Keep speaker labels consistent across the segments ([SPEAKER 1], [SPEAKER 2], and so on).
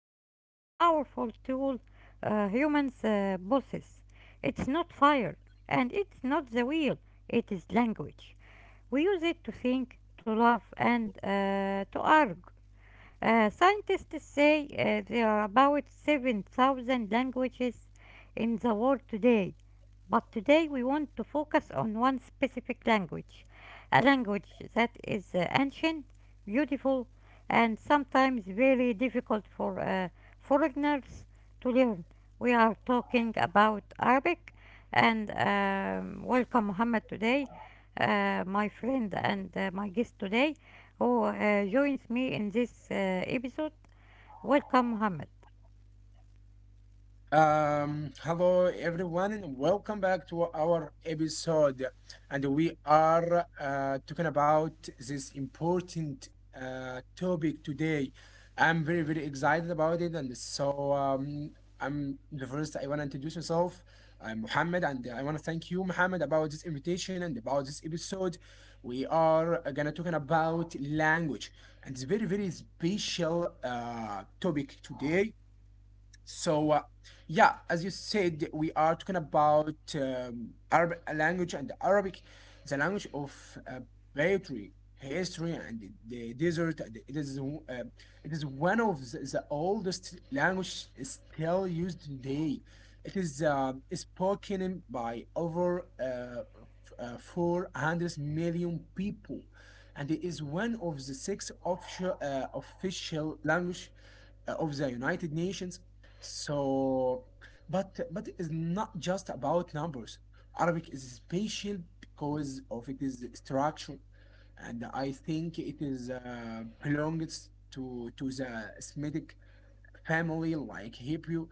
[SPEAKER 1] about the most powerful tool humans possess. It's not fire, and it's not the wheel, it is language. We use it to think, to love, and to argue. Scientists say there are about 7,000 languages in the world today, but today we want to focus on one specific language, a language that is ancient, beautiful, and sometimes very difficult for foreigners to learn. We are talking about Arabic, and welcome Muhammad today, my friend and my guest today who joins me in this episode. Welcome, Mohammed.
[SPEAKER 2] Hello everyone, and welcome back to our episode. And we are talking about this important topic today. I'm very, very excited about it. And so, I'm the first, I want to introduce myself. I'm Mohammed, and I want to thank you, Mohammed, about this invitation and about this episode. We are gonna talking about language, and it's very, very special topic today so, uh, yeah, as you said, we are talking about Arab language and Arabic, the language of poetry, history, and the desert. And uh, it is one of the oldest language still used today. It is spoken by over 400 million people, and it is one of the six official language of the United Nations. So, but it's not just about numbers. Arabic is special because of its structure, and I think it is belongs to the Semitic family like Hebrew.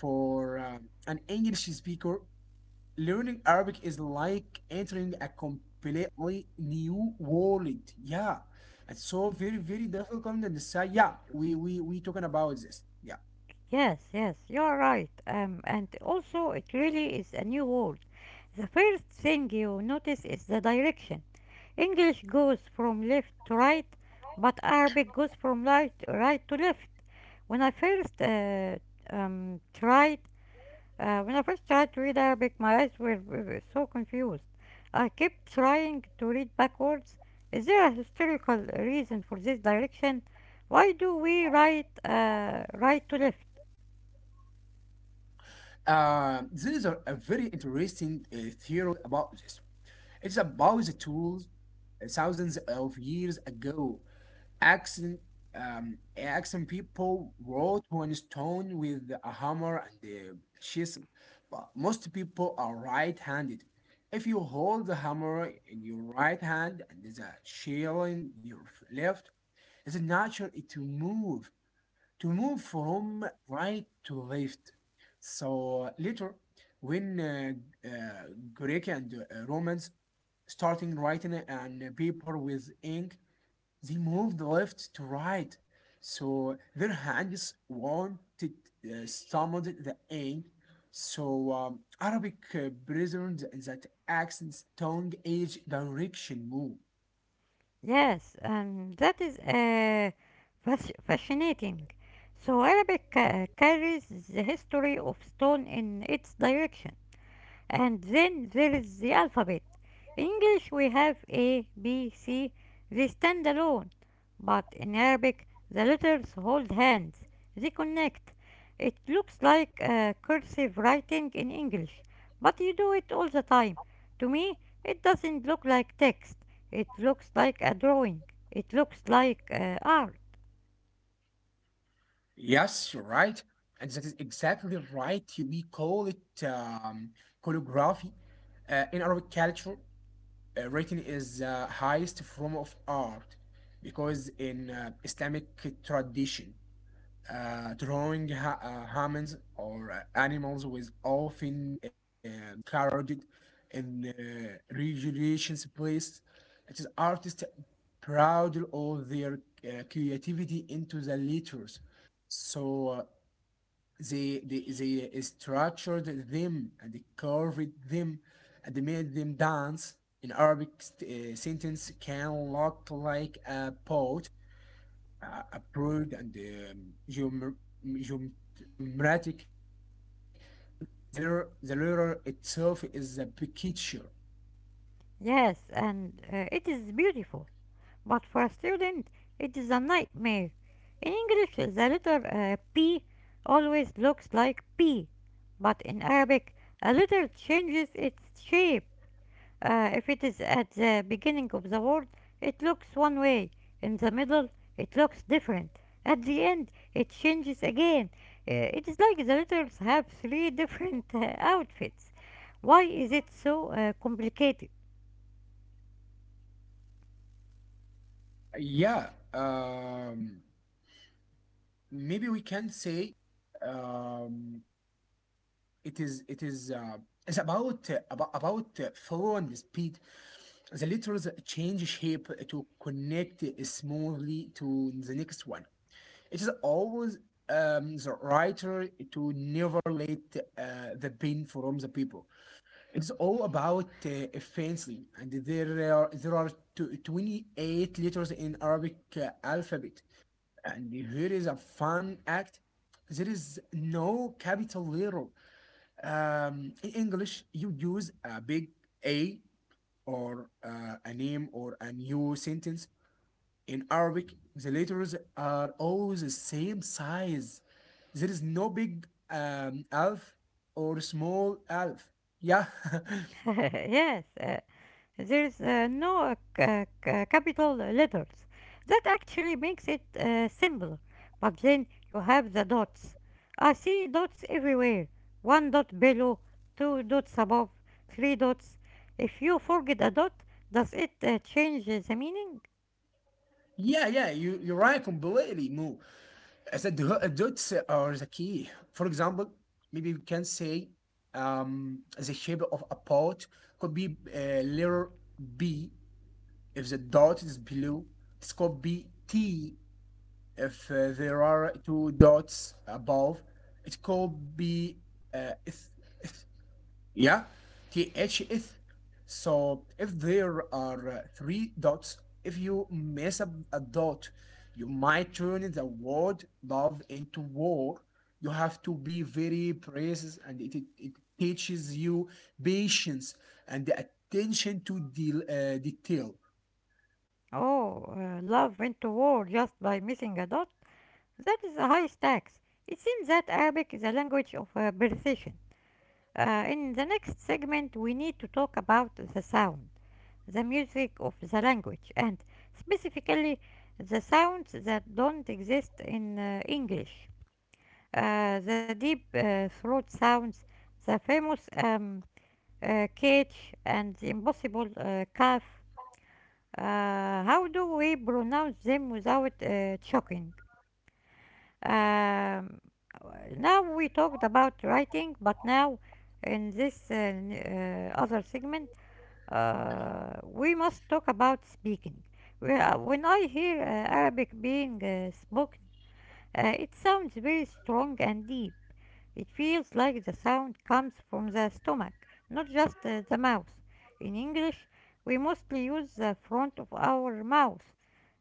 [SPEAKER 2] For an English speaker, learning Arabic is like entering a completely new world. Yeah. It's so very, very difficult and so yeah, we talking about this. Yeah.
[SPEAKER 1] Yes, yes, you are right. And also, it really is a new world. The first thing you notice is the direction. English goes from left to right, but Arabic goes from right to left. When I first tried when I first tried to read Arabic, my eyes were so confused. I kept trying to read backwards. Is there a historical reason for this direction? Why do we write right to left?
[SPEAKER 2] There is a very interesting theory about this. It's about the tools thousands of years ago. Accent accent people wrote on stone with a hammer and a chisel, but most people are right-handed. If you hold the hammer in your right hand and the chisel in your left, it's natural to move from right to left. So later, when uh, Greek and Romans starting writing and paper with ink, they moved left to right, so their hands weren't stumbled the A. So Arabic preserved that accent's tongue age direction move.
[SPEAKER 1] Yes, and that is fascinating. So Arabic carries the history of stone in its direction. And then there is the alphabet. In English we have A, B, C, they stand alone. But in Arabic the letters hold hands, they connect. It looks like cursive writing in English, but you do it all the time. To me, it doesn't look like text, it looks like a drawing, it looks like art.
[SPEAKER 2] Yes, you're right. And that is exactly right. We call it calligraphy. In Arabic culture, writing is the highest form of art because in Islamic tradition, drawing humans or animals was often discarded in regeneration's place. It is artists proud all their creativity into the letters. So they, they, they structured them and they carved them and they made them dance. An Arabic sentence can look like a boat a broad and geometric shape. The letter itself is a picture.
[SPEAKER 1] Yes, and it is beautiful. But for a student, it is a nightmare. In English, the letter P always looks like P, but in Arabic, a letter changes its shape. If it is at the beginning of the word, it looks one way. In the middle, it looks different. At the end, it changes again. It is like the letters have three different outfits. Why is it so complicated?
[SPEAKER 2] Yeah, um, Maybe we can say um, it is. It is. It's about flow and speed. The letters change shape to connect smoothly to the next one. It is always the writer to never let the pain from the people. It's all about fancy, and there are 28 letters in Arabic alphabet, and here is a fun act. There is no capital letter. In English, you use a big A or a name or a new sentence. In Arabic, the letters are all the same size. There is no big alf or small alf. Yeah,
[SPEAKER 1] yes, There's no ca- ca- capital letters. That actually makes it simpler. But then you have the dots. I see dots everywhere. One dot below, two dots above, three dots. If you forget a dot, does it change the meaning?
[SPEAKER 2] yeah, yeah. You you're right completely, Mo. As The dots are the key. For example, maybe we can say the shape of a pot could be letter B if the dot is blue. It's called B T. If there are two dots above, it could be uh, th- th- yeah, THS. So if there are three dots, if you mess up a dot, you might turn the word love into war. You have to be very precise, and it teaches you patience and attention to detail.
[SPEAKER 1] Oh, love into war just by missing a dot? That is a high stakes. It seems that Arabic is a language of precision. In the next segment, we need to talk about the sound, the music of the language, and specifically the sounds that don't exist in English. The deep throat sounds, the famous catch, and the impossible cough. How do we pronounce them without choking? Um, Now we talked about writing, but now in this other segment, we must talk about speaking. When I hear Arabic being spoken, it sounds very strong and deep. It feels like the sound comes from the stomach, not just the mouth. In English, we mostly use the front of our mouth,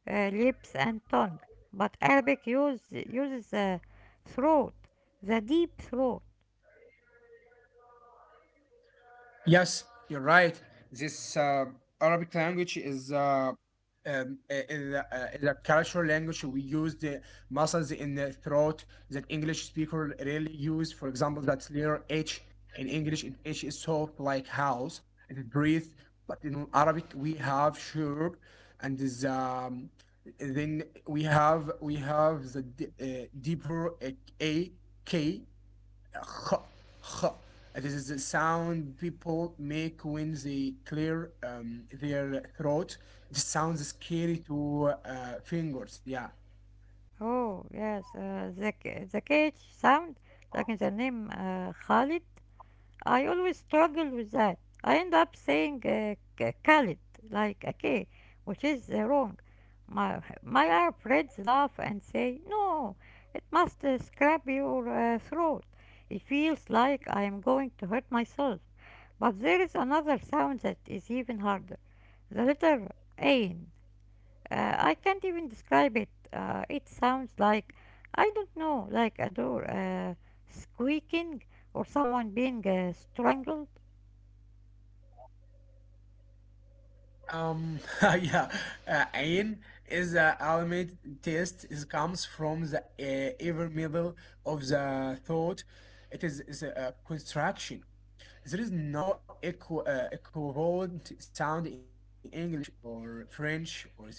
[SPEAKER 1] lips, and tongue, but uses the throat, the deep throat.
[SPEAKER 2] Yes, you're right. This Arabic language is is a cultural language. We use the muscles in the throat that English speaker rarely use. For example, that letter H in English, H is soft like house. It is breathe, but in Arabic we have shurb, and is then we have the deeper A K. It is the sound people make when they clear their throat. It sounds scary to fingers. Yeah.
[SPEAKER 1] Oh, yes, the cage sound, like in the name Khalid. I always struggle with that. I end up saying Khalid, like a K, which is wrong. My Arab friends laugh and say, "No, it must scrap your throat." It feels like I am going to hurt myself. But there is another sound that is even harder, the letter Ain. I can't even describe it. It sounds like, I don't know, like a door squeaking or someone being strangled.
[SPEAKER 2] Yeah, ayn is the ultimate test. It comes from the ever middle of the thought. Is a construction. There is no equivalent sound in English or French or Spanish.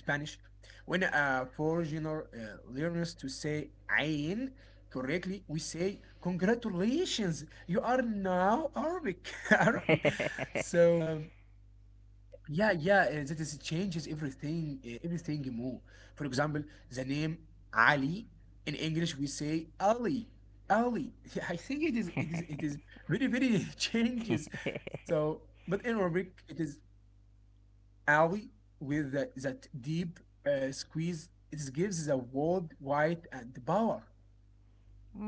[SPEAKER 2] When a foreigner learns to say "ain" correctly, we say, Congratulations, you are now Arabic. Arabic. So, um, yeah, that is, it changes everything, everything more. For example, the name Ali in English we say Ali, Ali. I think it is very, very changes. So, but in Arabic it is Ali with that deep squeeze. It gives the word white and power.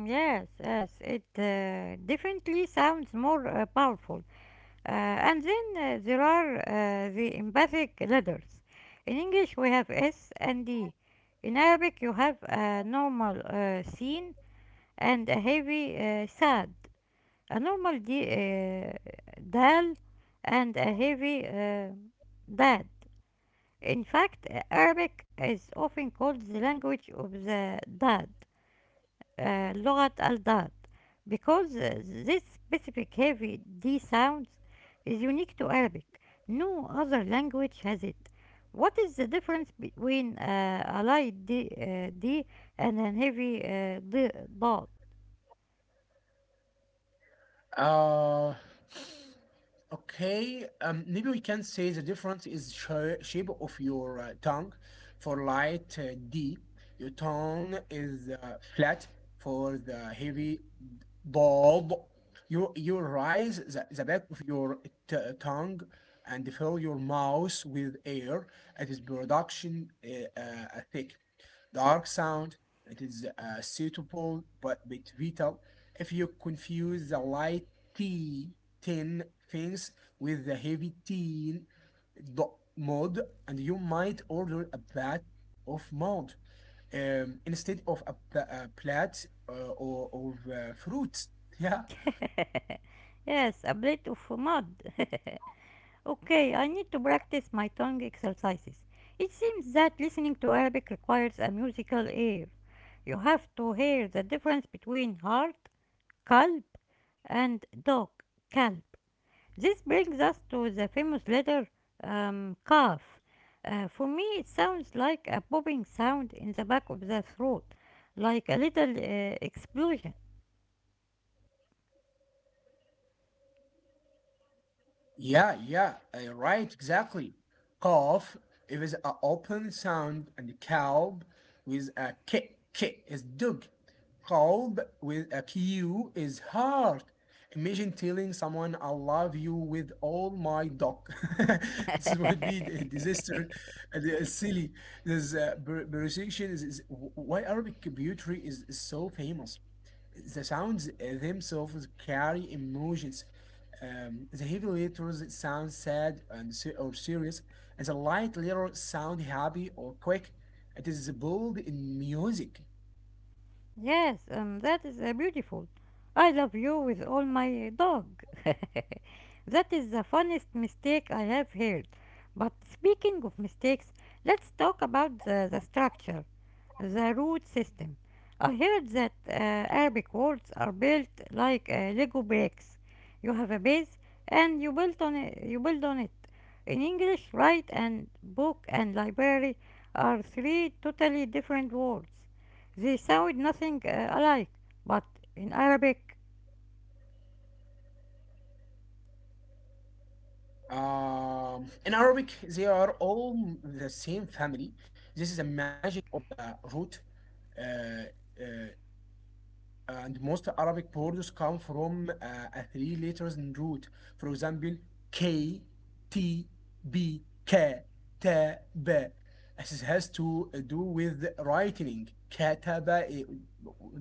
[SPEAKER 1] Yes, yes, it definitely sounds more powerful. And then there are the emphatic letters. In English, we have S and D. In Arabic, you have a normal sin and a heavy sad. A normal D, dal and a heavy dad. In fact, Arabic is often called the language of the dad, لغة الداد, because this specific heavy D sound is unique to Arabic. No other language has it. What is the difference between a light D and a heavy D, dot?
[SPEAKER 2] Uh, Okay, maybe we can say the difference is shape of your tongue. For light D, your tone is flat. For the heavy bulb, you rise the back of your tongue and fill your mouth with air. It is production thick dark sound. It is suitable but bit vital. If you confuse the light T 10 things with the heavy teen dot mod, and you might order a bat of mod instead of a plat or fruits. Yeah,
[SPEAKER 1] yes, a plate of mud. Okay, I need to practice my tongue exercises. It seems that listening to Arabic requires a musical ear. You have to hear the difference between heart, kalb, and dog, kalb. This brings us to the famous letter kaf. For me, it sounds like a popping sound in the back of the throat, like a little explosion.
[SPEAKER 2] yeah, yeah, right, exactly. Cough it is an open sound, and calb with a k. K is dog. Qalb with a q is heart. Imagine telling someone I love you with all my dog. This would be a disaster. Silly. This pronunciation is why Arabic poetry is so famous. The sounds themselves carry emotions. The heavy letters sound sad and se- or serious, and the light letters sound happy or quick. It is bold in music.
[SPEAKER 1] Yes, that is beautiful. I love you with all my dog. That is the funniest mistake I have heard. But speaking of mistakes, let's talk about the structure, the root system. I heard that Arabic words are built like Lego bricks. You have a base and you build on it. In English, right and book and library are three totally different words. They sound nothing alike, but in Arabic.
[SPEAKER 2] In Arabic, they are all the same family. This is the magic of the root. Uh, uh, and most Arabic words come from a three letters in root. For example, K, T, B, K, T, B. This has to do with writing. Kataba, eh,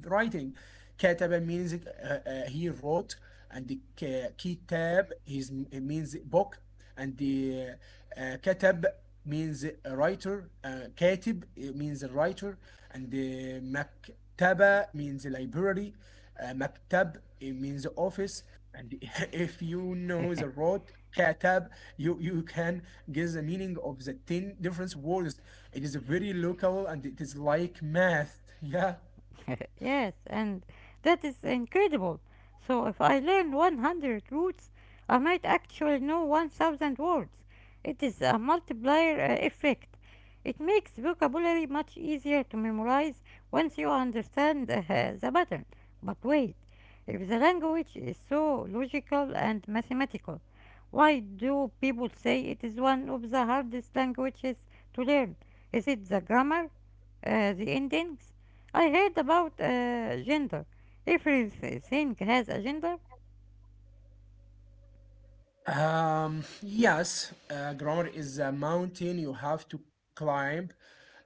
[SPEAKER 2] writing. Kataba means he wrote, and the kitab is means book, and the katab means a writer, katib eh, means a writer, and the مكتبة means library, maktab means office, and if you know the root katab, you can guess the meaning of the 10 different words. It is very local and it is like math. Yeah.
[SPEAKER 1] Yes, and that is incredible. So if I learn 100 roots, I might actually know 1,000 words. It is a multiplier effect. It makes vocabulary much easier to memorize once you understand the pattern. But wait, if the language is so logical and mathematical, why do people say it is one of the hardest languages to learn? Is it the grammar? The endings? I heard about gender. Everything has a gender.
[SPEAKER 2] Yes, grammar is a mountain you have to climb,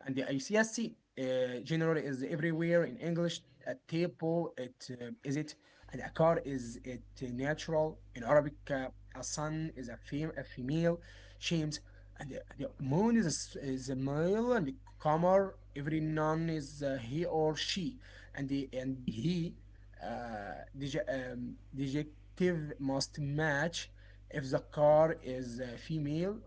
[SPEAKER 2] and the ICSC generally is everywhere in English. A table, it is it, and a car is it natural in Arabic. A son is a female, Shams, and the moon is is a male, and the qamar every noun is he or she, and the he, uh, dej- dejective must match. If the car is female,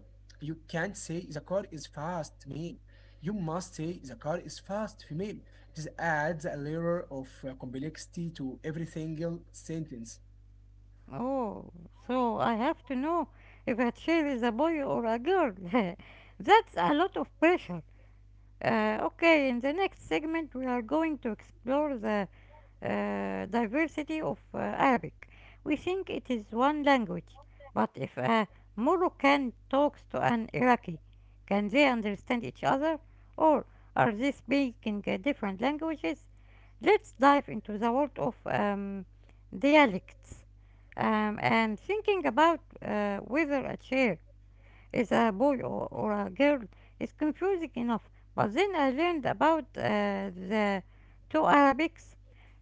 [SPEAKER 2] you can't say the car is fast male. You must say the car is fast female. It is adds a layer of complexity to every single sentence.
[SPEAKER 1] Oh, so I have to know if a chair is a boy or a girl. That's a lot of pressure. Okay, in the next segment, we are going to explore the diversity of Arabic. We think it is one language, but if a Moroccan talks to an Iraqi, can they understand each other? Or are they speaking different languages? Let's dive into the world of dialects, and thinking about whether a chair is a boy or a girl is confusing enough. But then I learned about the two Arabics.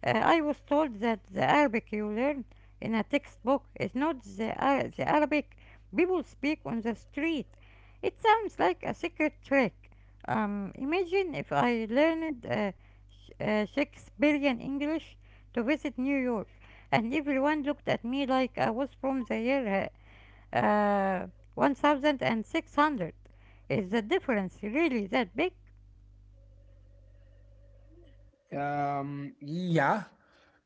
[SPEAKER 1] I was told that the Arabic you learn in a textbook is not the Arabic people speak on the street. It sounds like a secret trick. Imagine if I learned Shakespearean English to visit New York, and everyone looked at me like I was from the year uh, 1600. Is the difference really that big?
[SPEAKER 2] Yeah,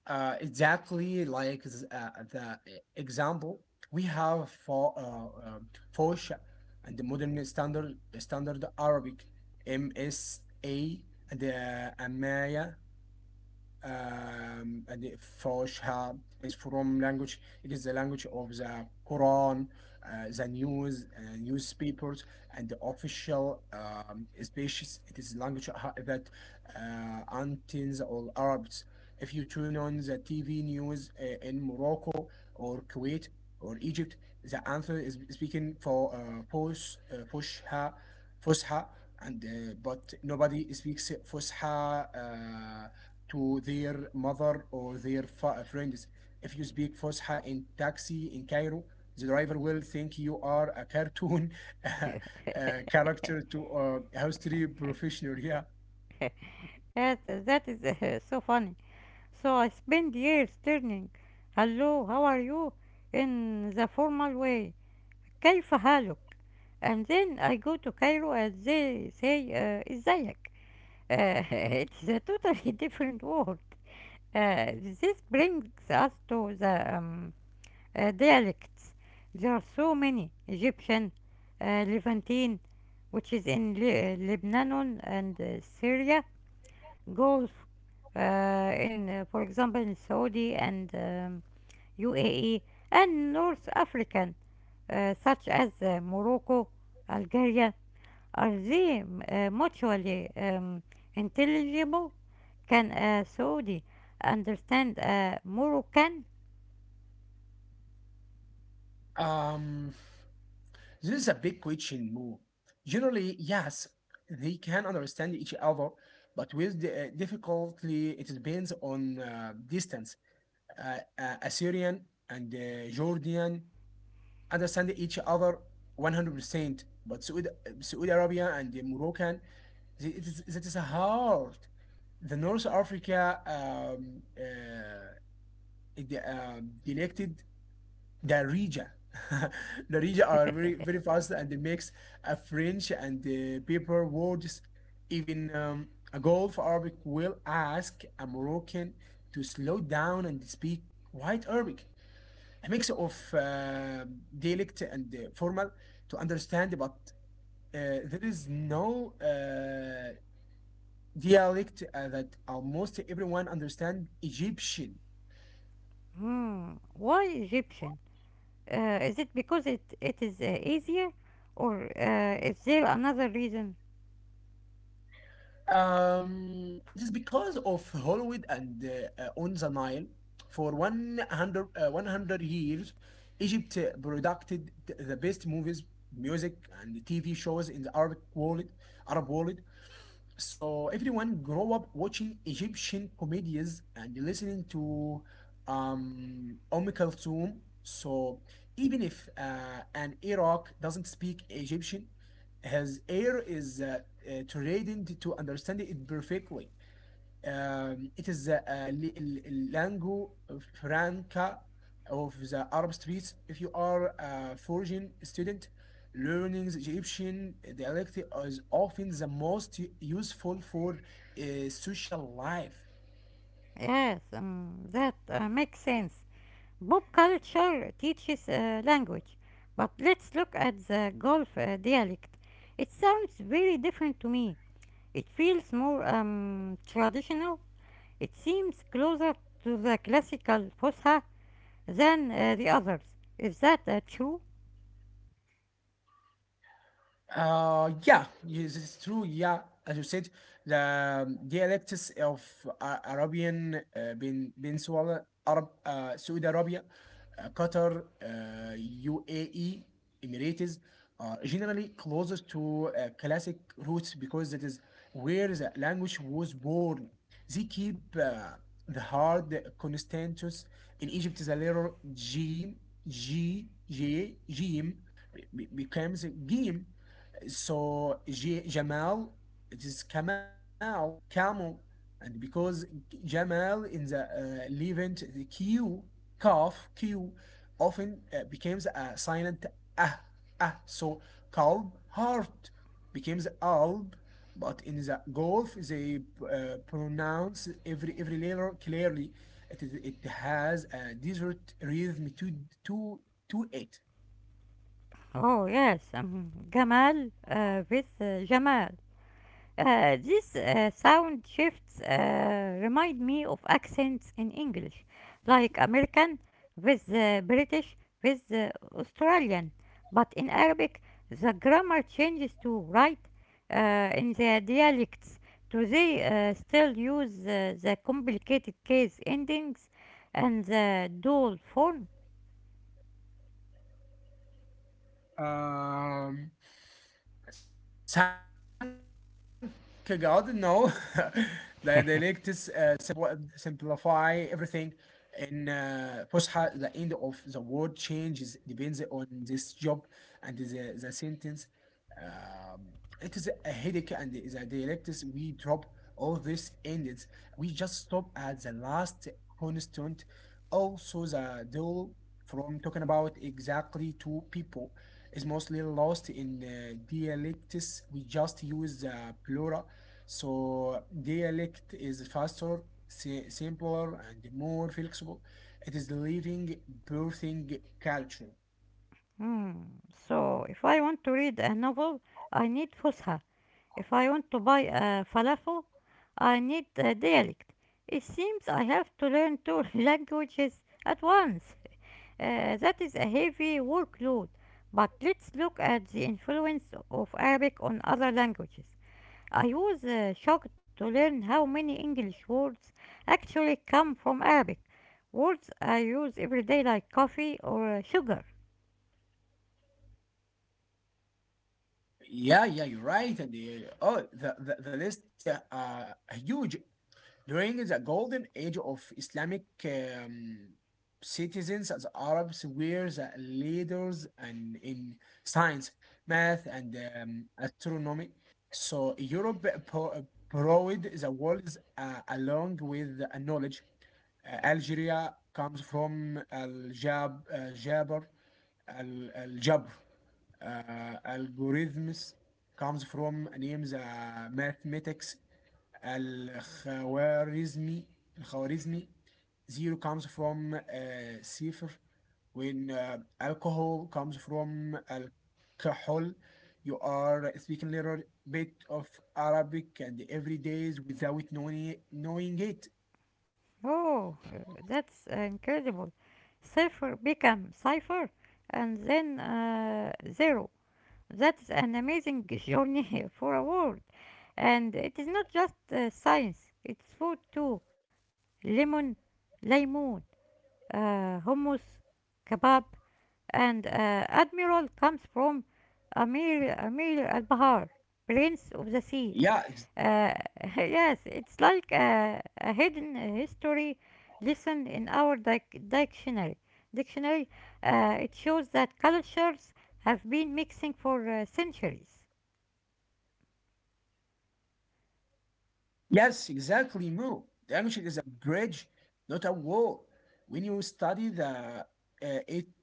[SPEAKER 2] exactly like the example we have for Fosh and the modern standard Arabic MSA and Amaya and the Fosha is from language. It is the language of the Quran, the news, newspapers, and the official species. It is language that Antins or Arabs. If you turn on the TV news in Morocco or Kuwait or Egypt, the answer is speaking for Fosha, and but nobody speaks Fosha. To their mother or their friends. If you speak Fusha in taxi in Cairo, the driver will think you are a cartoon uh, character to a history professional. Yeah.
[SPEAKER 1] that is so funny. So I spend years turning hello, how are you in the formal way. كيف حالك? And then I go to Cairo and they say ازيك. It's a totally different word. Uh, this brings us to the dialects. There are so many Egyptian, Levantine, which is in Lebanon and Syria, Gulf, for example, in Saudi and UAE, and North African, such as Morocco, Algeria. Are they mutually intelligible? Can a Saudi understand a Moroccan?
[SPEAKER 2] Um, this is a big question, Mo. Generally, yes, they can understand each other, but with difficulty, it depends on distance. Assyrian and Jordanian understand each other 100%. Saudi Arabia and the Moroccan, that is hard. The North Africa elected the region. The region are very, very fast and they mix French and paper words. Even a Gulf Arabic will ask a Moroccan to slow down and speak white Arabic, a mix of dialect and formal to understand, but uh, there is no dialect that almost everyone understand Egyptian.
[SPEAKER 1] Hmm, why Egyptian? Is it because it is easier, or is there another reason?
[SPEAKER 2] It is because of Hollywood and on the Nile. For 100 years, Egypt produced the best movies, music, and TV shows in the Arabic world, Arab world. So everyone grow up watching Egyptian comedies and listening to Kulthum. So even if an Iraq doesn't speak Egyptian, his ear is trained to understand it perfectly. It is the lingua franca of the Arab streets. If you are a foreign student, learning the Egyptian dialect is often the most useful for social life.
[SPEAKER 1] Yes, that makes sense. Pop culture teaches language, but let's look at the Gulf dialect. It sounds very different to me. It feels more traditional. It seems closer to the classical Fusha than the others. Is that true?
[SPEAKER 2] Yeah, yes, it's true. Yeah, as you said, the dialects of Arabian Peninsula, Arab, Saudi Arabia, Qatar, UAE, Emirates are generally closer to classic roots because that is where the language was born. They keep the hard consonants. In Egypt, the letter G, G, J, G becomes a game so Jamal, it is Kamal, Camel, and because Jamal in the Levant, the Q, calf, Q, often becomes a silent ah, ah. So Kalb, heart, becomes Alb, but in the Gulf they pronounce every letter clearly. It has a desert rhythm to to it.
[SPEAKER 1] Oh yes, Gamal with Jamal. These sound shifts remind me of accents in English, like American with British with Australian. But in Arabic, the grammar changes to right in the dialects. Do they still use the complicated case endings and the dual form?
[SPEAKER 2] Um, Thank God, no. The Dialectics simplify everything. In Fusha, the end of the word changes depends on this job and the sentence. Um, it is a headache, and the dialectics we drop all these endings. We just stop at the last constant. Also, the dual from talking about exactly two people is mostly lost in dialects. We just use plural. So dialect is faster, simpler, and more flexible. It is the living, birthing culture.
[SPEAKER 1] Hmm, so, if I want to read a novel, I need Fusha. If I want to buy a falafel, I need a dialect. It seems I have to learn two languages at once. That is a heavy workload. But let's look at the influence of Arabic on other languages. I was shocked to learn how many English words actually come from Arabic. Words I use every day, like coffee or sugar.
[SPEAKER 2] Yeah, yeah, you're right. And oh, the list huge. During the Golden Age of Islamic citizens, the Arabs were the leaders and in science, math, and astronomy. So Europe provided the world along with the knowledge. Algeria comes from Jabr, Al-Jabr. Algorithms comes from names mathematics. الخوارزمي الخوارزمي zero comes from صفر when alcohol comes from alcohol you are speaking a little bit of Arabic and every day is without knowing it.
[SPEAKER 1] Oh, that's incredible. Cipher become cipher and then zero. That's an amazing journey for a world. And it is not just science, it's food too. Lemon, lemon, hummus, kebab, and admiral comes from
[SPEAKER 2] Yeah,
[SPEAKER 1] Amir, Amir al Bahar, prince of the sea. Uh, yes, it's like a hidden history lesson in our dictionary. Dictionary, it shows that cultures have been mixing for centuries.
[SPEAKER 2] yes, exactly, Mo. Language is a bridge, not a wall. When you study the it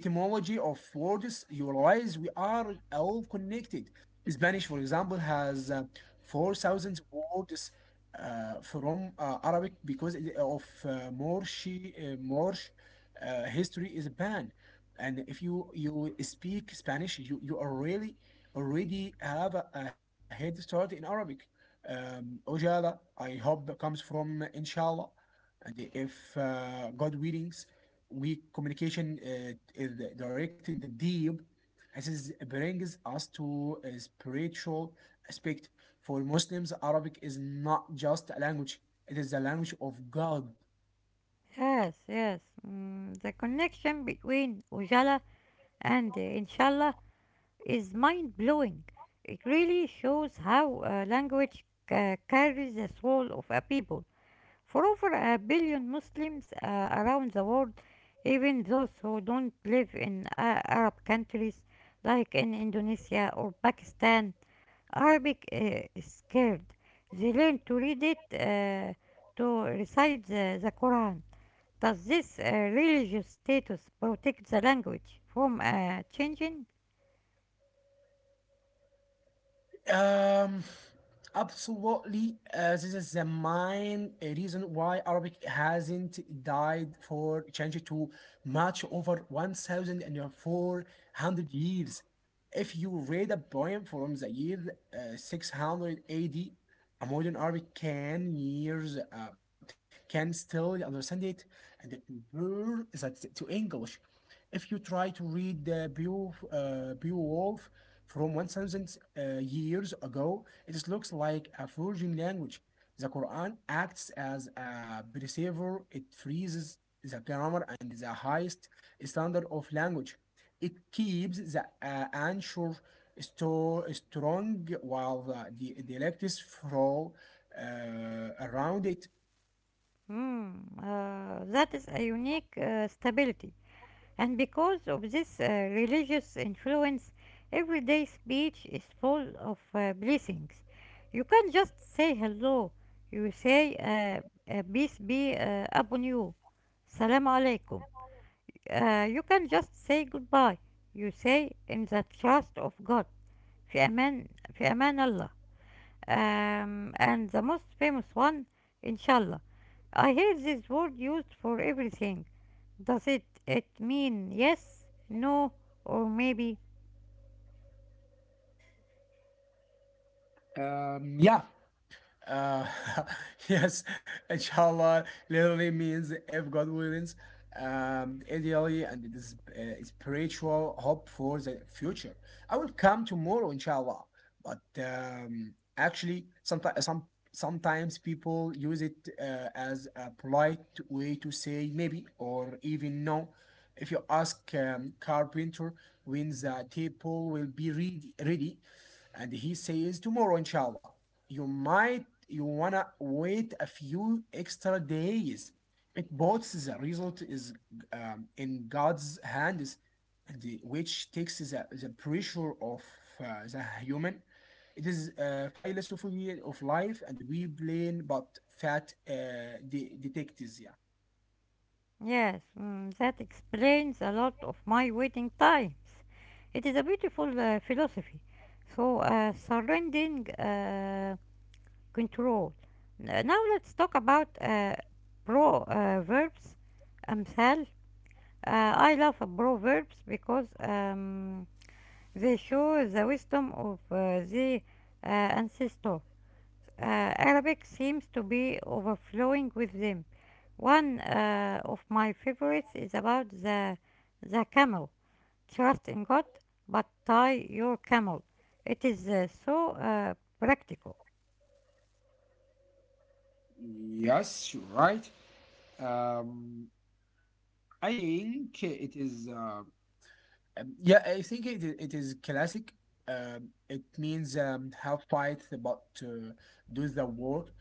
[SPEAKER 2] etymology of words, you realize we are all connected. Spanish, for example, has 4,000 words from Arabic because of Moorish, Moorish history is banned. And if you speak Spanish, you are really already have a head start in Arabic. Ojala, I hope, comes from inshallah. And if God willing, we communication is directed in the deep this is, brings us to a spiritual aspect for muslims arabic is not just a language it is the language of god
[SPEAKER 1] Yes, yes. Mm, the connection between Ujala and Inshallah is mind blowing. It really shows how language carries the soul of a people. For over a billion Muslims around the world, even those who don't live in Arab countries like in Indonesia or Pakistan, Arabic is scared. They learn to read it, to recite the Quran. Does this religious status protect the language from changing?
[SPEAKER 2] Um, absolutely. This is the main reason why Arabic hasn't died for change to much over 1,400 years. If you read a poem from the year 600 AD, a D, a modern Arabic can years can still understand it and compare that to English. If you try to read Beowulf from 1000 years ago, it looks like a forging language. The Quran acts as a preserver, it freezes the grammar and the highest standard of language. It keeps the answer strong while the dialects flow around it.
[SPEAKER 1] Hmm, that is a unique stability. And because of this religious influence, everyday speech is full of blessings. You can't just say hello, you say peace be upon you, salam alaikum. You can just say goodbye, you say in the trust of God, في أمان, في أمان الله. And the most famous one, inshallah. I hear this word used for everything. Does it mean yes, no, or maybe?
[SPEAKER 2] Um, yeah, Uh, yes, inshallah literally means if God wills, ideally, and it is spiritual hope for the future. I will come tomorrow, inshallah. But actually, sometimes people use it as a polite way to say maybe or even no. If you ask carpenter when the table will be ready, and he says tomorrow, inshallah you might you wanna wait a few extra days. It both the result is in God's hands, and the, which takes the pressure of uh, the human. It is a philosophy of life, and we blame but fat detectives. Yeah.
[SPEAKER 1] Yes? Mm, that explains a lot of my waiting times. It is a beautiful philosophy. So surrendering control. Now let's talk about proverbs. Amthal. I love proverbs because they show the wisdom of the ancestor. Arabic seems to be overflowing with them. One of my favorites is about the camel. Trust in God, but tie your camel. It is so practical.
[SPEAKER 2] Yes, you're right. Um, I think it is. Yeah, I think it is classic. It means have fight, but do the work.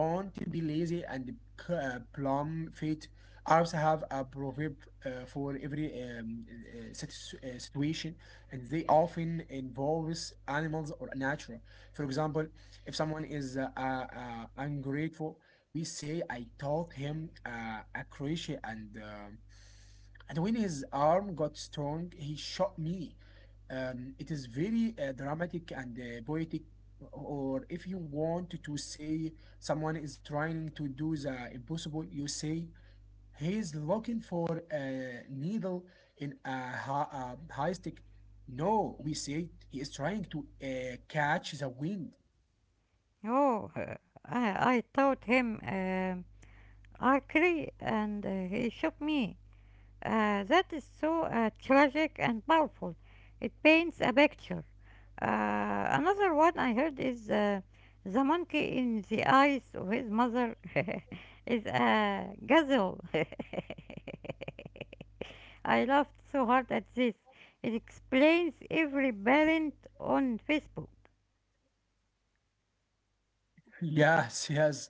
[SPEAKER 2] Don't be lazy and plumb fit. Arabs have a proverb for every situation, and they often involves animals or nature. For example, if someone is ungrateful, we say I taught him a crochet and when his arm got strong, he shot me. It is very dramatic and poetic, or if you want to say someone is trying to do the impossible, you say he's looking for a needle in a high stick. No, we say he is trying to catch the wind.
[SPEAKER 1] Oh, I taught him archery, and he shot me. That is so tragic and powerful. It paints a picture. Another one I heard is the monkey in the eyes of his mother is a gazelle. I laughed so hard at this. It explains every parent on Facebook.
[SPEAKER 2] Yes, yes.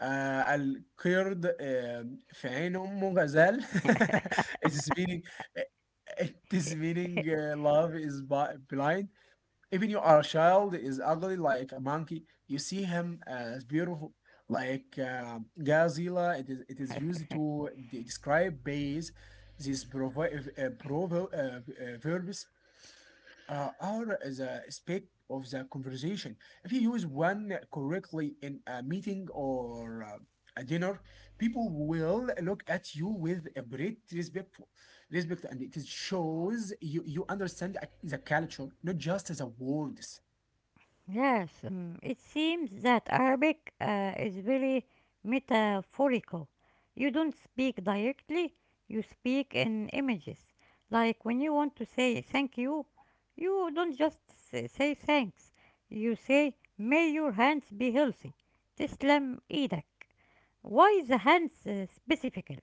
[SPEAKER 2] آآ القرد آمم في عين أمه غزال spelling آآ spelling love is bi blind even you are a child is ugly like a monkey you see him as beautiful like Godzilla it is used to describe base these provi provo verbs are the speak of the conversation. If you use one correctly in a meeting or a dinner, people will look at you with a great respect, and it shows you you understand the culture, not just the words.
[SPEAKER 1] Yes, it seems that Arabic is very metaphorical. You don't speak directly, you speak in images. Like when you want to say thank you, you don't just say thanks. You say, may your hands be healthy. Teslam idak. Why the hands specifically?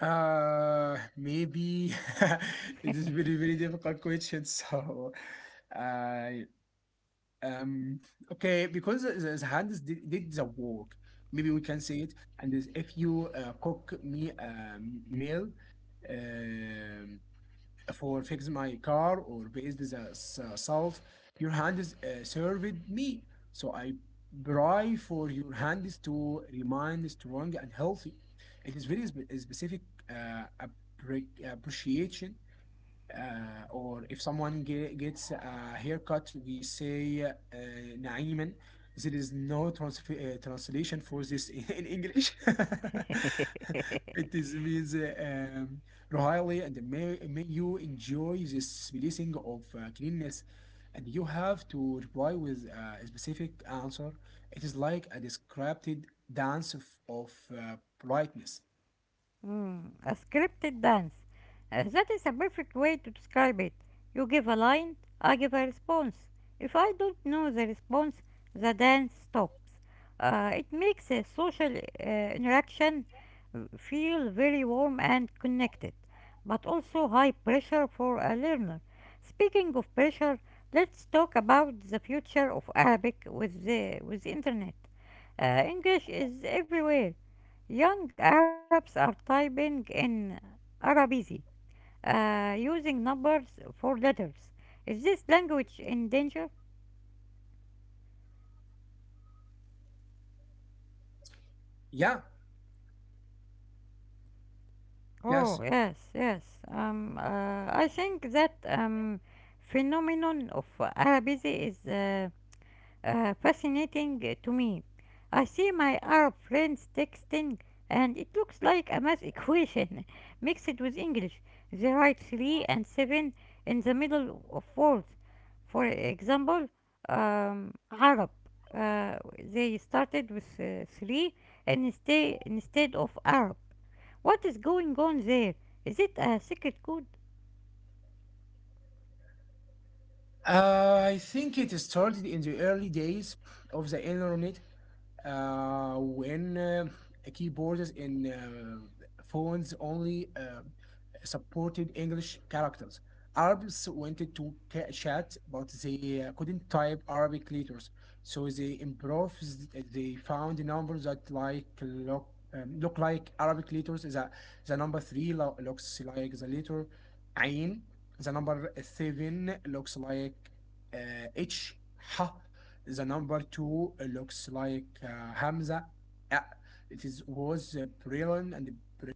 [SPEAKER 2] Maybe it is very difficult question. So, uh, Um, okay, because the hands did the work, maybe we can say it. And is if you cook me a meal um, for fix my car or based the salt, your hands served me. So I pray for your hands to remain strong and healthy. It is very specific appreciation or if someone gets a haircut, we say نعيما. There is no translation for this in English. It is means royally, and may you enjoy this blessing of cleanness. And you have to reply with a specific answer. It is like a described dance of politeness.
[SPEAKER 1] Mm, a scripted dance. That is a perfect way to describe it. You give a line, I give a response. If I don't know the response, the dance stops. It makes a social interaction feel very warm and connected, but also high pressure for a learner. Speaking of pressure, let's talk about the future of Arabic with the internet. English is everywhere. Young Arabs are typing in Arabic, using numbers for letters. Is this language in danger?
[SPEAKER 2] Yeah, yes.
[SPEAKER 1] Oh, yes, yes. I think that phenomenon of Arabic is fascinating to me. I see my Arab friends texting, and it looks like a math equation mixed with English. They write 3 and 7 in the middle of words. For example, Arab. They started with 3 and instead of Arab. What is going on there? Is it a secret code?
[SPEAKER 2] I think it started in the early days of the internet when keyboards and phones only. Supported English characters. Arabs wanted to chat, but they couldn't type Arabic letters, so they improvised. They found numbers that look like Arabic letters. The number three looks like the letter Ain. The number seven looks like H. Ha. The number two looks like Hamza. Uh, was a prion and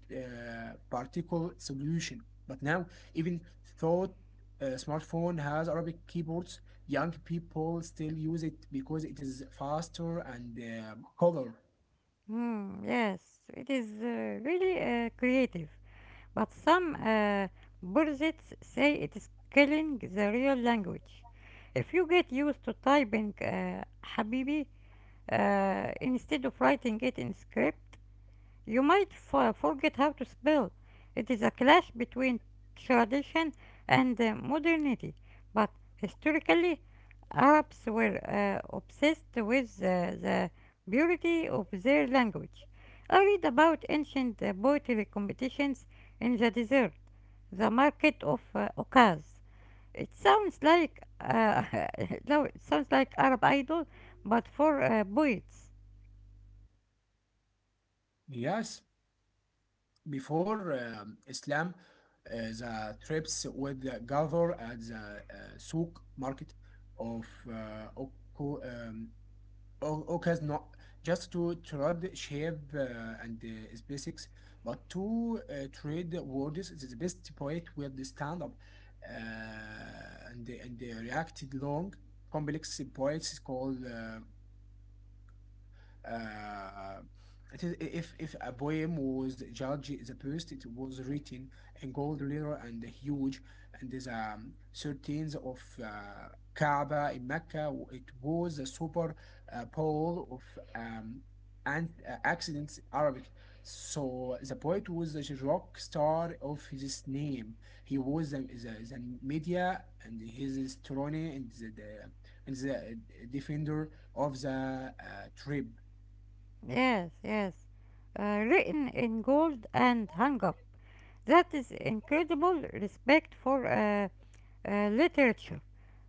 [SPEAKER 2] particle solution. But now, even though smartphone has Arabic keyboards, young people still use it because it is faster and color.
[SPEAKER 1] Hmm, yes, it is really creative. But some purists say it is killing the real language. If you get used to typing Habibi instead of writing it in script, you might forget how to spell. It is a clash between tradition and modernity. But historically, Arabs were obsessed with the purity of their language. I read about ancient poetry competitions in the desert, the market of Okaz. It sounds like no, it sounds like Arab Idol, but for poets.
[SPEAKER 2] Yes, before Islam, the trips would gather at the souk market of uh, Oku- um, Okay, it's not just to trade shape and specifics, but to trade words is the best poet will the stand up uh, and and the reacted long complex poets is called uh, it is, if a poem was judged the best, it was written in gold letter and huge, and the 13th of Kaaba in Mecca, it was a super pole of um, and accidents Arabic. So the poet was the rock star of his name. He was the media and his strong and the and the defender of the trip.
[SPEAKER 1] Yes, yes. Written in gold and hung up. That is incredible respect for literature.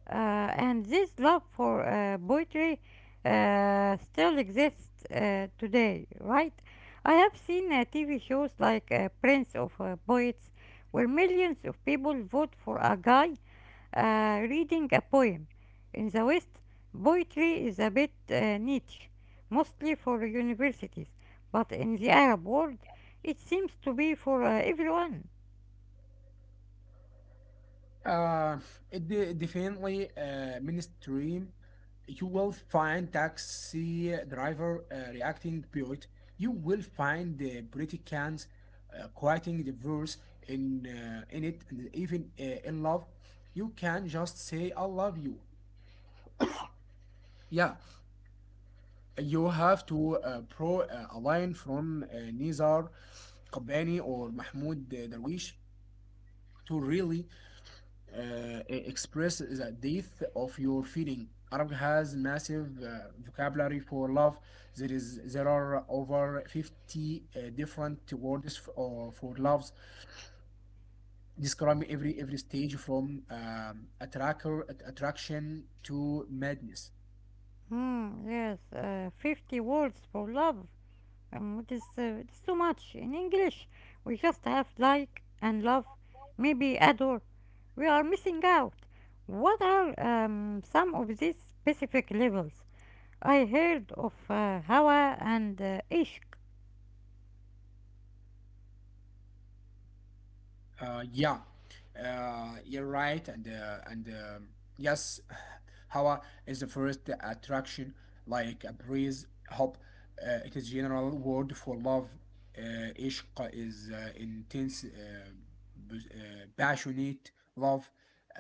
[SPEAKER 1] Uh, and this love for poetry still exists today, right? I have seen TV shows like Prince of Poets, where millions of people vote for a guy reading a poem. In the West, poetry is a bit niche, mostly for universities, but in the Arab world, it seems to be for everyone.
[SPEAKER 2] Uh, it definitely mainstream. You will find taxi driver reacting to it. You will find the British quoting the verse in it, and even in love. You can just say "I love you." Yeah, you have to pro a line from Nizar Qabbani or Mahmoud Darwish to really express the depth of your feeling. Arabic has massive vocabulary for love. There are over 50 different words for loves, describing every stage from attraction to madness.
[SPEAKER 1] Hmm, yes, 50 words for love. It is too much in English. We just have like and love, maybe adore. We are missing out. What are some of these specific levels? I heard of Hawa and Ishq.
[SPEAKER 2] Uh, yeah, you're right, and yes, Hawa is the first attraction, like a breeze. Hope it is general word for love. Ishq is intense, passionate love.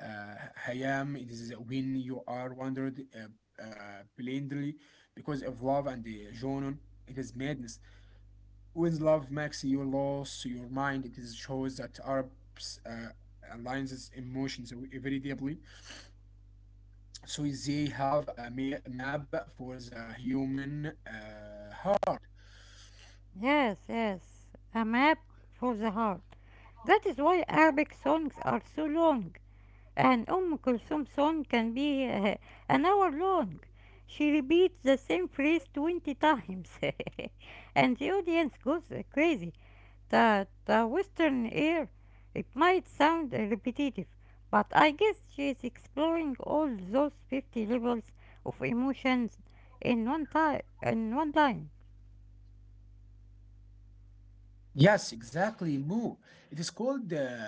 [SPEAKER 2] Uh, hayam it is when you are wandered blindly because of love and the It is madness. With love, Maxi, you lost your mind, it is shows that Arabs alliances emotions very deeply. So they have a map for the human heart.
[SPEAKER 1] Yes, yes, a map for the heart. That is why Arabic songs are so long. And Kulthum song can be an hour long. She repeats the same phrase 20 times, and the audience goes crazy. The Western air, it might sound repetitive, but I guess she is exploring all those 50 levels of emotions in time, in one line.
[SPEAKER 2] Yes, exactly, Mo. It is called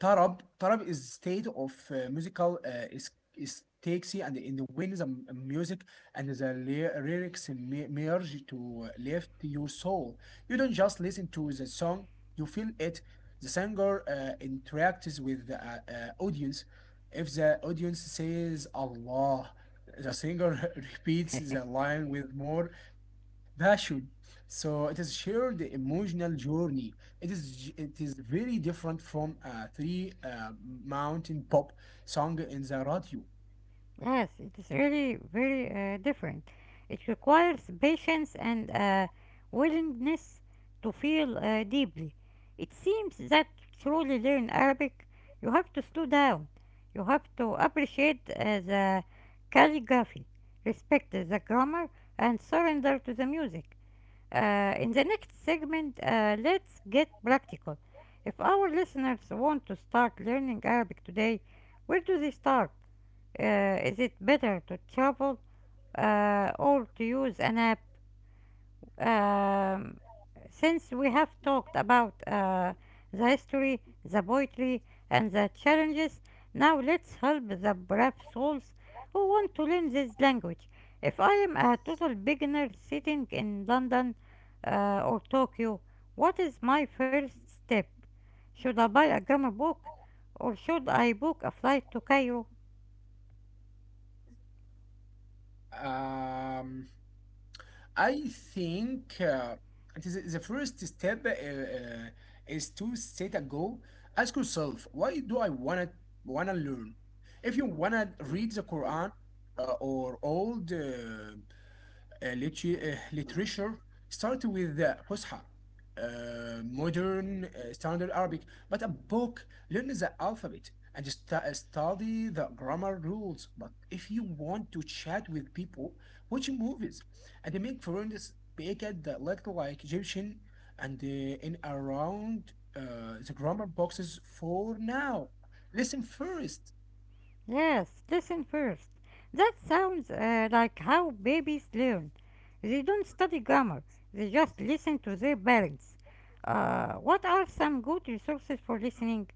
[SPEAKER 2] Tarab. Tarab is state of musical is taxi and in when the music and the lyrics merge to lift your soul. You don't just listen to the song; you feel it. The singer interacts with the audience. If the audience says Allah, the singer repeats the line with more passion. So it is shared emotional journey. It is very different from a three mountain pop song in the radio.
[SPEAKER 1] Yes, it is really very different. It requires patience and a willingness to feel deeply. It seems that to truly learn Arabic, you have to slow down. You have to appreciate the calligraphy, respect the grammar, and surrender to the music. In the next segment, let's get practical. If our listeners want to start learning Arabic today, where do they start? Is it better to travel or to use an app? Um, since we have talked about the history, the poetry, and the challenges, now let's help the brave souls who want to learn this language. If I am a total beginner sitting in London or Tokyo, what is my first step? Should I buy a grammar book or should I book a flight to Cairo?
[SPEAKER 2] Um, I think it is the first step is to set a goal. Ask yourself, why do I wanna learn? If you wanna read the Quran or old literature started with the Fusha, modern standard Arabic, but a book learns the alphabet and study the grammar rules. But if you want to chat with people, watch movies and make friends, speak at the little like Egyptian and in around the grammar boxes for now. Listen first.
[SPEAKER 1] Yes, listen first. That sounds like how babies learn. They don't study grammar, they just listen to their parents. What are some good resources for listening?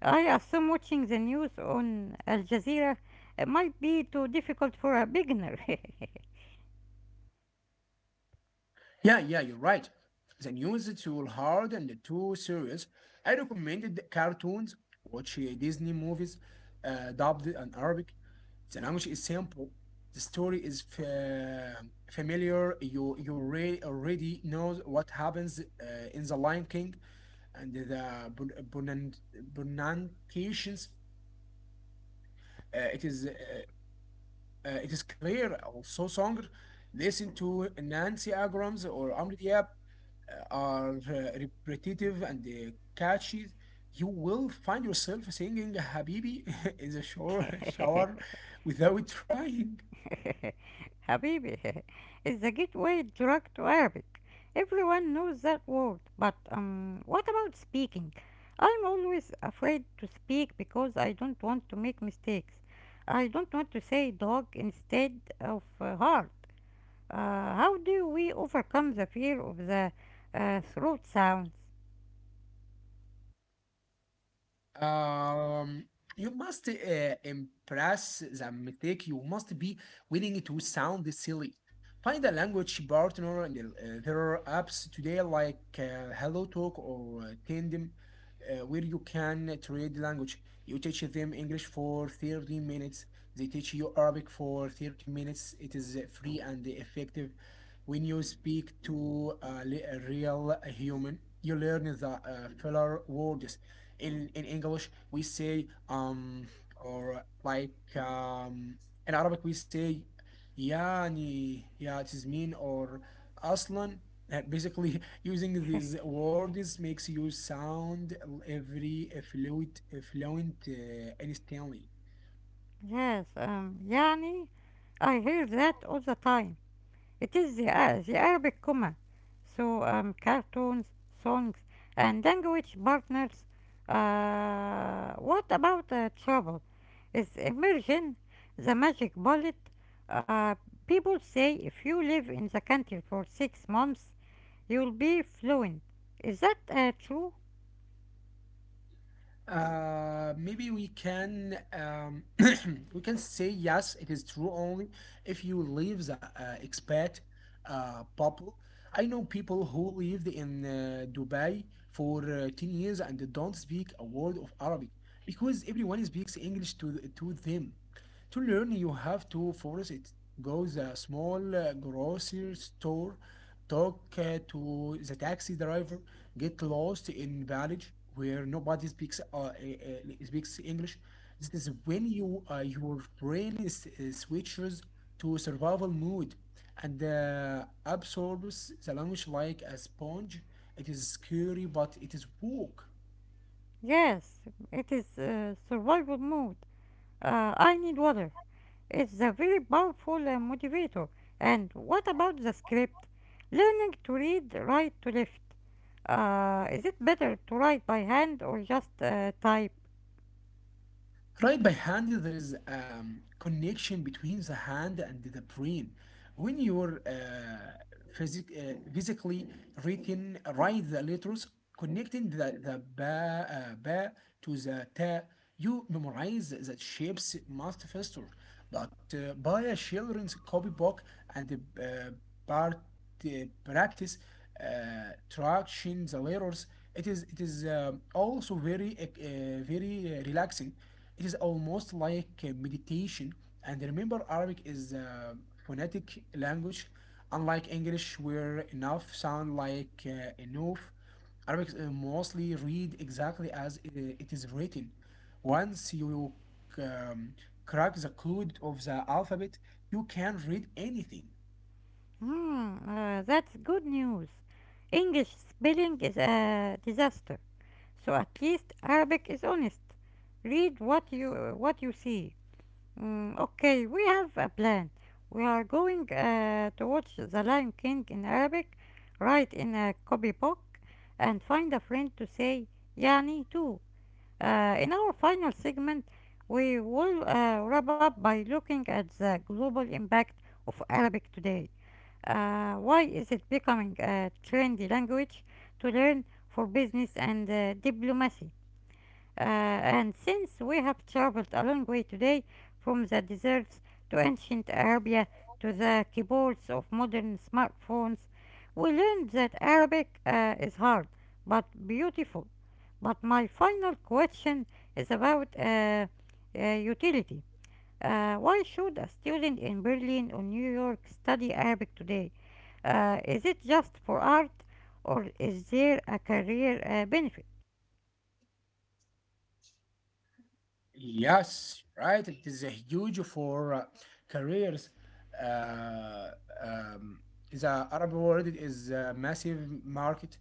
[SPEAKER 1] I assume watching the news on Al Jazeera might be too difficult for a beginner.
[SPEAKER 2] Yeah, yeah, you're right. The news is too hard and too serious. I recommended cartoons, watch Disney movies, dubbed in Arabic. The language is simple. The story is familiar. You already know what happens in the Lion King, and the pronunciations. Uh, it is uh, it is clear also Songer, listen to Nancy Agrams or Amri Diab are repetitive and catchy. You will find yourself singing Habibi in the shower without trying.
[SPEAKER 1] حبيبي is the gateway drug to Arabic. Everyone knows that word, but what about speaking? I'm always afraid to speak because I don't want to make mistakes. I don't want to say dog instead of heart. How do we overcome the fear of the throat sounds?
[SPEAKER 2] Um, you must impress the mistake. You must be willing to sound silly. Find a language partner, and there are apps today like HelloTalk or Tandem, where you can trade language. You teach them English for 30 minutes. They teach you Arabic for 30 minutes. It is free and effective. When you speak to a real human, you learn the filler words. In English we say or like um, in Arabic we say yani, yeah, it is mean, or aslan. Basically using these words makes you sound every fluent fluent instantly.
[SPEAKER 1] Yes, يعني I hear that all the time. It is the Arabic comma. So cartoons, songs, and language partners. What about travel? Is immersion the magic bullet? Uh, people say if you live in the country for 6 months, you'll be fluent. Is that true?
[SPEAKER 2] Maybe we can we can say yes, it is true only if you leave the expat bubble. I know people who lived in Dubai for 10 years and they don't speak a word of Arabic because everyone speaks English to them. To learn, you have to force it. Go the small grocery store, talk to the taxi driver, get lost in village where nobody speaks speaks English. This is when your brain switches to survival mode and absorbs the language like a sponge. It is scary, but it is woke.
[SPEAKER 1] Yes, it is survival mode. I need water. It's a very powerful motivator. And what about the script? Learning to read right to left. Is it better to write by hand or just type?
[SPEAKER 2] Right by hand, there is a connection between the hand and the brain. When you're physically written, write the letters, connecting the ba to the ta, you memorize the shapes much faster. But buy a children's copybook and part, uh, practice tractions, the layers. It is also very very relaxing. It is almost like meditation. And remember, Arabic is a phonetic language, unlike English, where enough sound like enough. Arabic mostly read exactly as it is written. Once you um, crack the code of the alphabet, you can read anything.
[SPEAKER 1] Hmm, that's good news. English spelling is a disaster. So at least Arabic is honest. Read what you see. Mm, okay, we have a plan. We are going to watch The Lion King in Arabic, write in a copybook, and find a friend to say Yani too. In our final segment, we will wrap up by looking at the global impact of Arabic today. Why is it becoming a trendy language to learn for business and diplomacy? And since we have traveled a long way today, from the deserts to ancient Arabia to the keyboards of modern smartphones, we learned that Arabic is hard but beautiful. But my final question is about utility. Why should a student in Berlin or New York study Arabic today? Is it just for art or is there a career benefit?
[SPEAKER 2] Yes, right. It is a huge for careers. Uh, um, the Arab world is a massive market.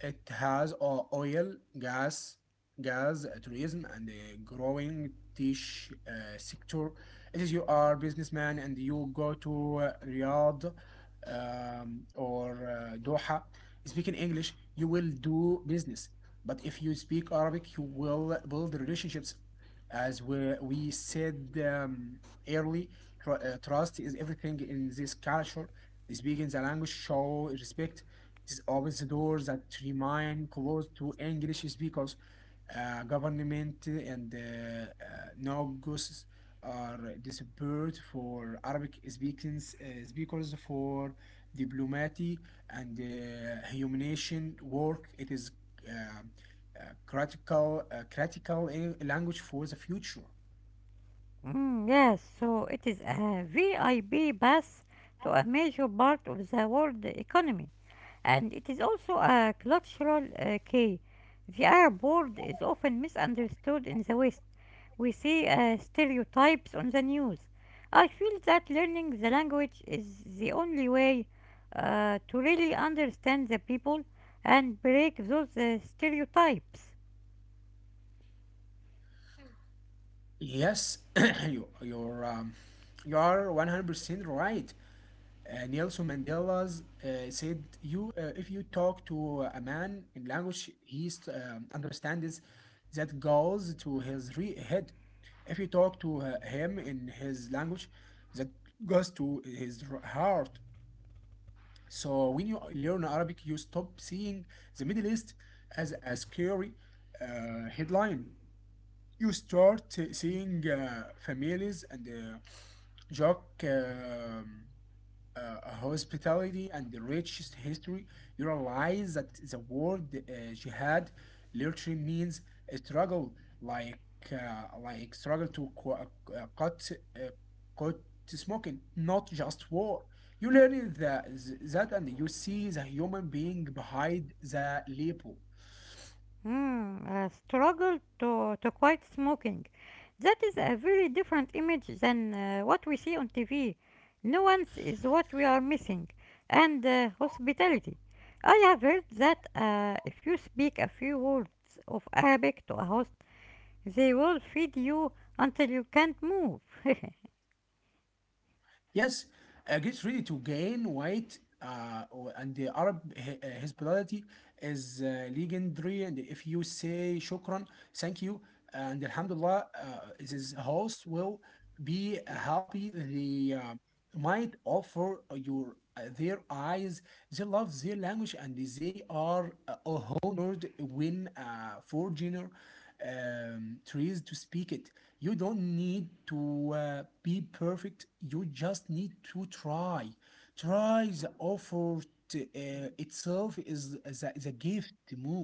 [SPEAKER 2] It has oil, gas, tourism, and a growing tech sector. It is you are businessman and you go to Riyadh or Doha speaking English, you will do business. But if you speak Arabic, you will build relationships, as we said um, early, tr trust is everything in this culture. Speaking the language show respect. It opens the doors that remain closed to English speakers. Government and nogues are disappeared for Arabic speakers for diplomacy and humanitarian work. It is. Um critical language for the future.
[SPEAKER 1] Mm, yes, so it is a VIP pass to a major part of the world economy, and it is also a cultural key. The Arab world is often misunderstood in the West. We see stereotypes on the news. I feel that learning the language is the only way to really understand the people and break those stereotypes.
[SPEAKER 2] Yes, you you're um, you are 100% right. Nelson Mandela's said, "You, if you talk to a man in language he understands, that goes to his head. If you talk to him in his language, that goes to his heart." So when you learn Arabic, you stop seeing the Middle East as a scary headline. You start seeing families and joke, uh, hospitality and the richest history. You realize that the word jihad literally means a struggle, like uh, like struggle to uh, cut uh, cut smoking, not just war. You learn that, and you see the human being behind the label.
[SPEAKER 1] Mm, a struggle to quit smoking. That is a very different image than what we see on TV. Nuance is what we are missing, and hospitality. I have heard that if you speak a few words of Arabic to a host, they will feed you until you can't move.
[SPEAKER 2] Yes, gets ready to gain weight, and the Arab hospitality is legendary. And if you say shukran, thank you, and alhamdulillah, his host will be happy. The might offer your their eyes. They love their language and they are honored when a foreigner tries to speak it. You don't need to be perfect, you just need to try, try. The effort itself is the gift, Mo.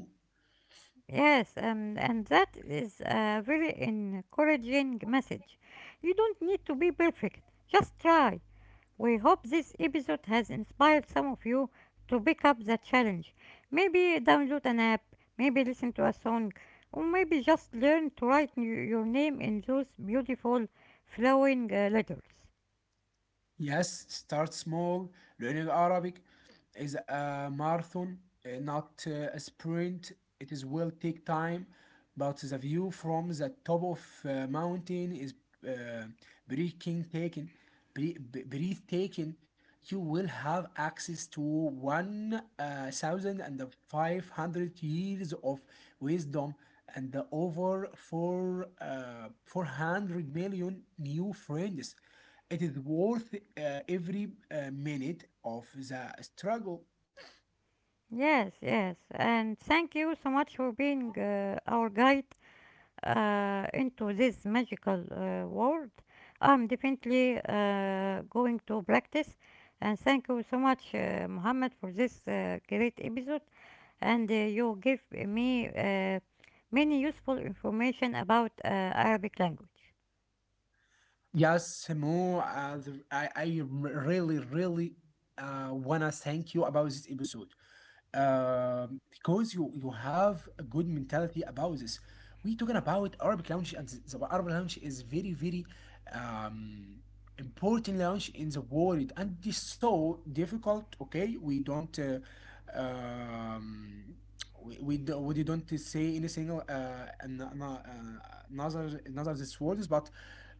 [SPEAKER 1] Yes, and that is a very encouraging message. You don't need to be perfect, just try. We hope this episode has inspired some of you to pick up the challenge. Maybe download an app, maybe listen to a song, or maybe just learn to write your name in those beautiful flowing letters.
[SPEAKER 2] Yes, start small. Learning Arabic is a marathon, not a sprint. It is will take time, but the view from the top of mountain is uh, breathtaking, breathtaking. You will have access to 1,500 years of wisdom and over 400 million new friends. It is worth every minute of the struggle.
[SPEAKER 1] Yes, yes, and thank you so much for being our guide into this magical world, I'm definitely going to practice. And thank you so much, Muhammad, for this great episode. And you give me many useful information about Arabic language.
[SPEAKER 2] Yes, Mo, I really, really wanna thank you about this episode. Because you have a good mentality about this. We talking about Arabic language, and the Arabic language is very very um, important language in the world, and it's so difficult. Okay, we don't. Um, we don't say any single another these words, but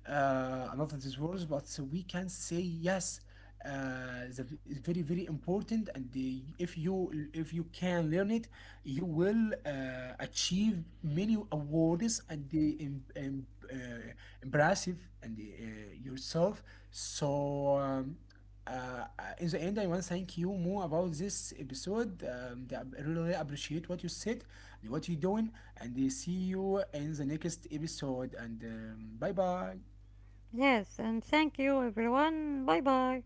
[SPEAKER 2] another these words, but we can say yes, the, is very very important, and the, if you can learn it you will achieve many awards and the uh, impressive and the, yourself. So uh, in the end, I want to thank you more about this episode. I really appreciate what you said, what you're doing, and see you in the next episode. And bye bye.
[SPEAKER 1] Yes, and thank you, everyone. Bye bye.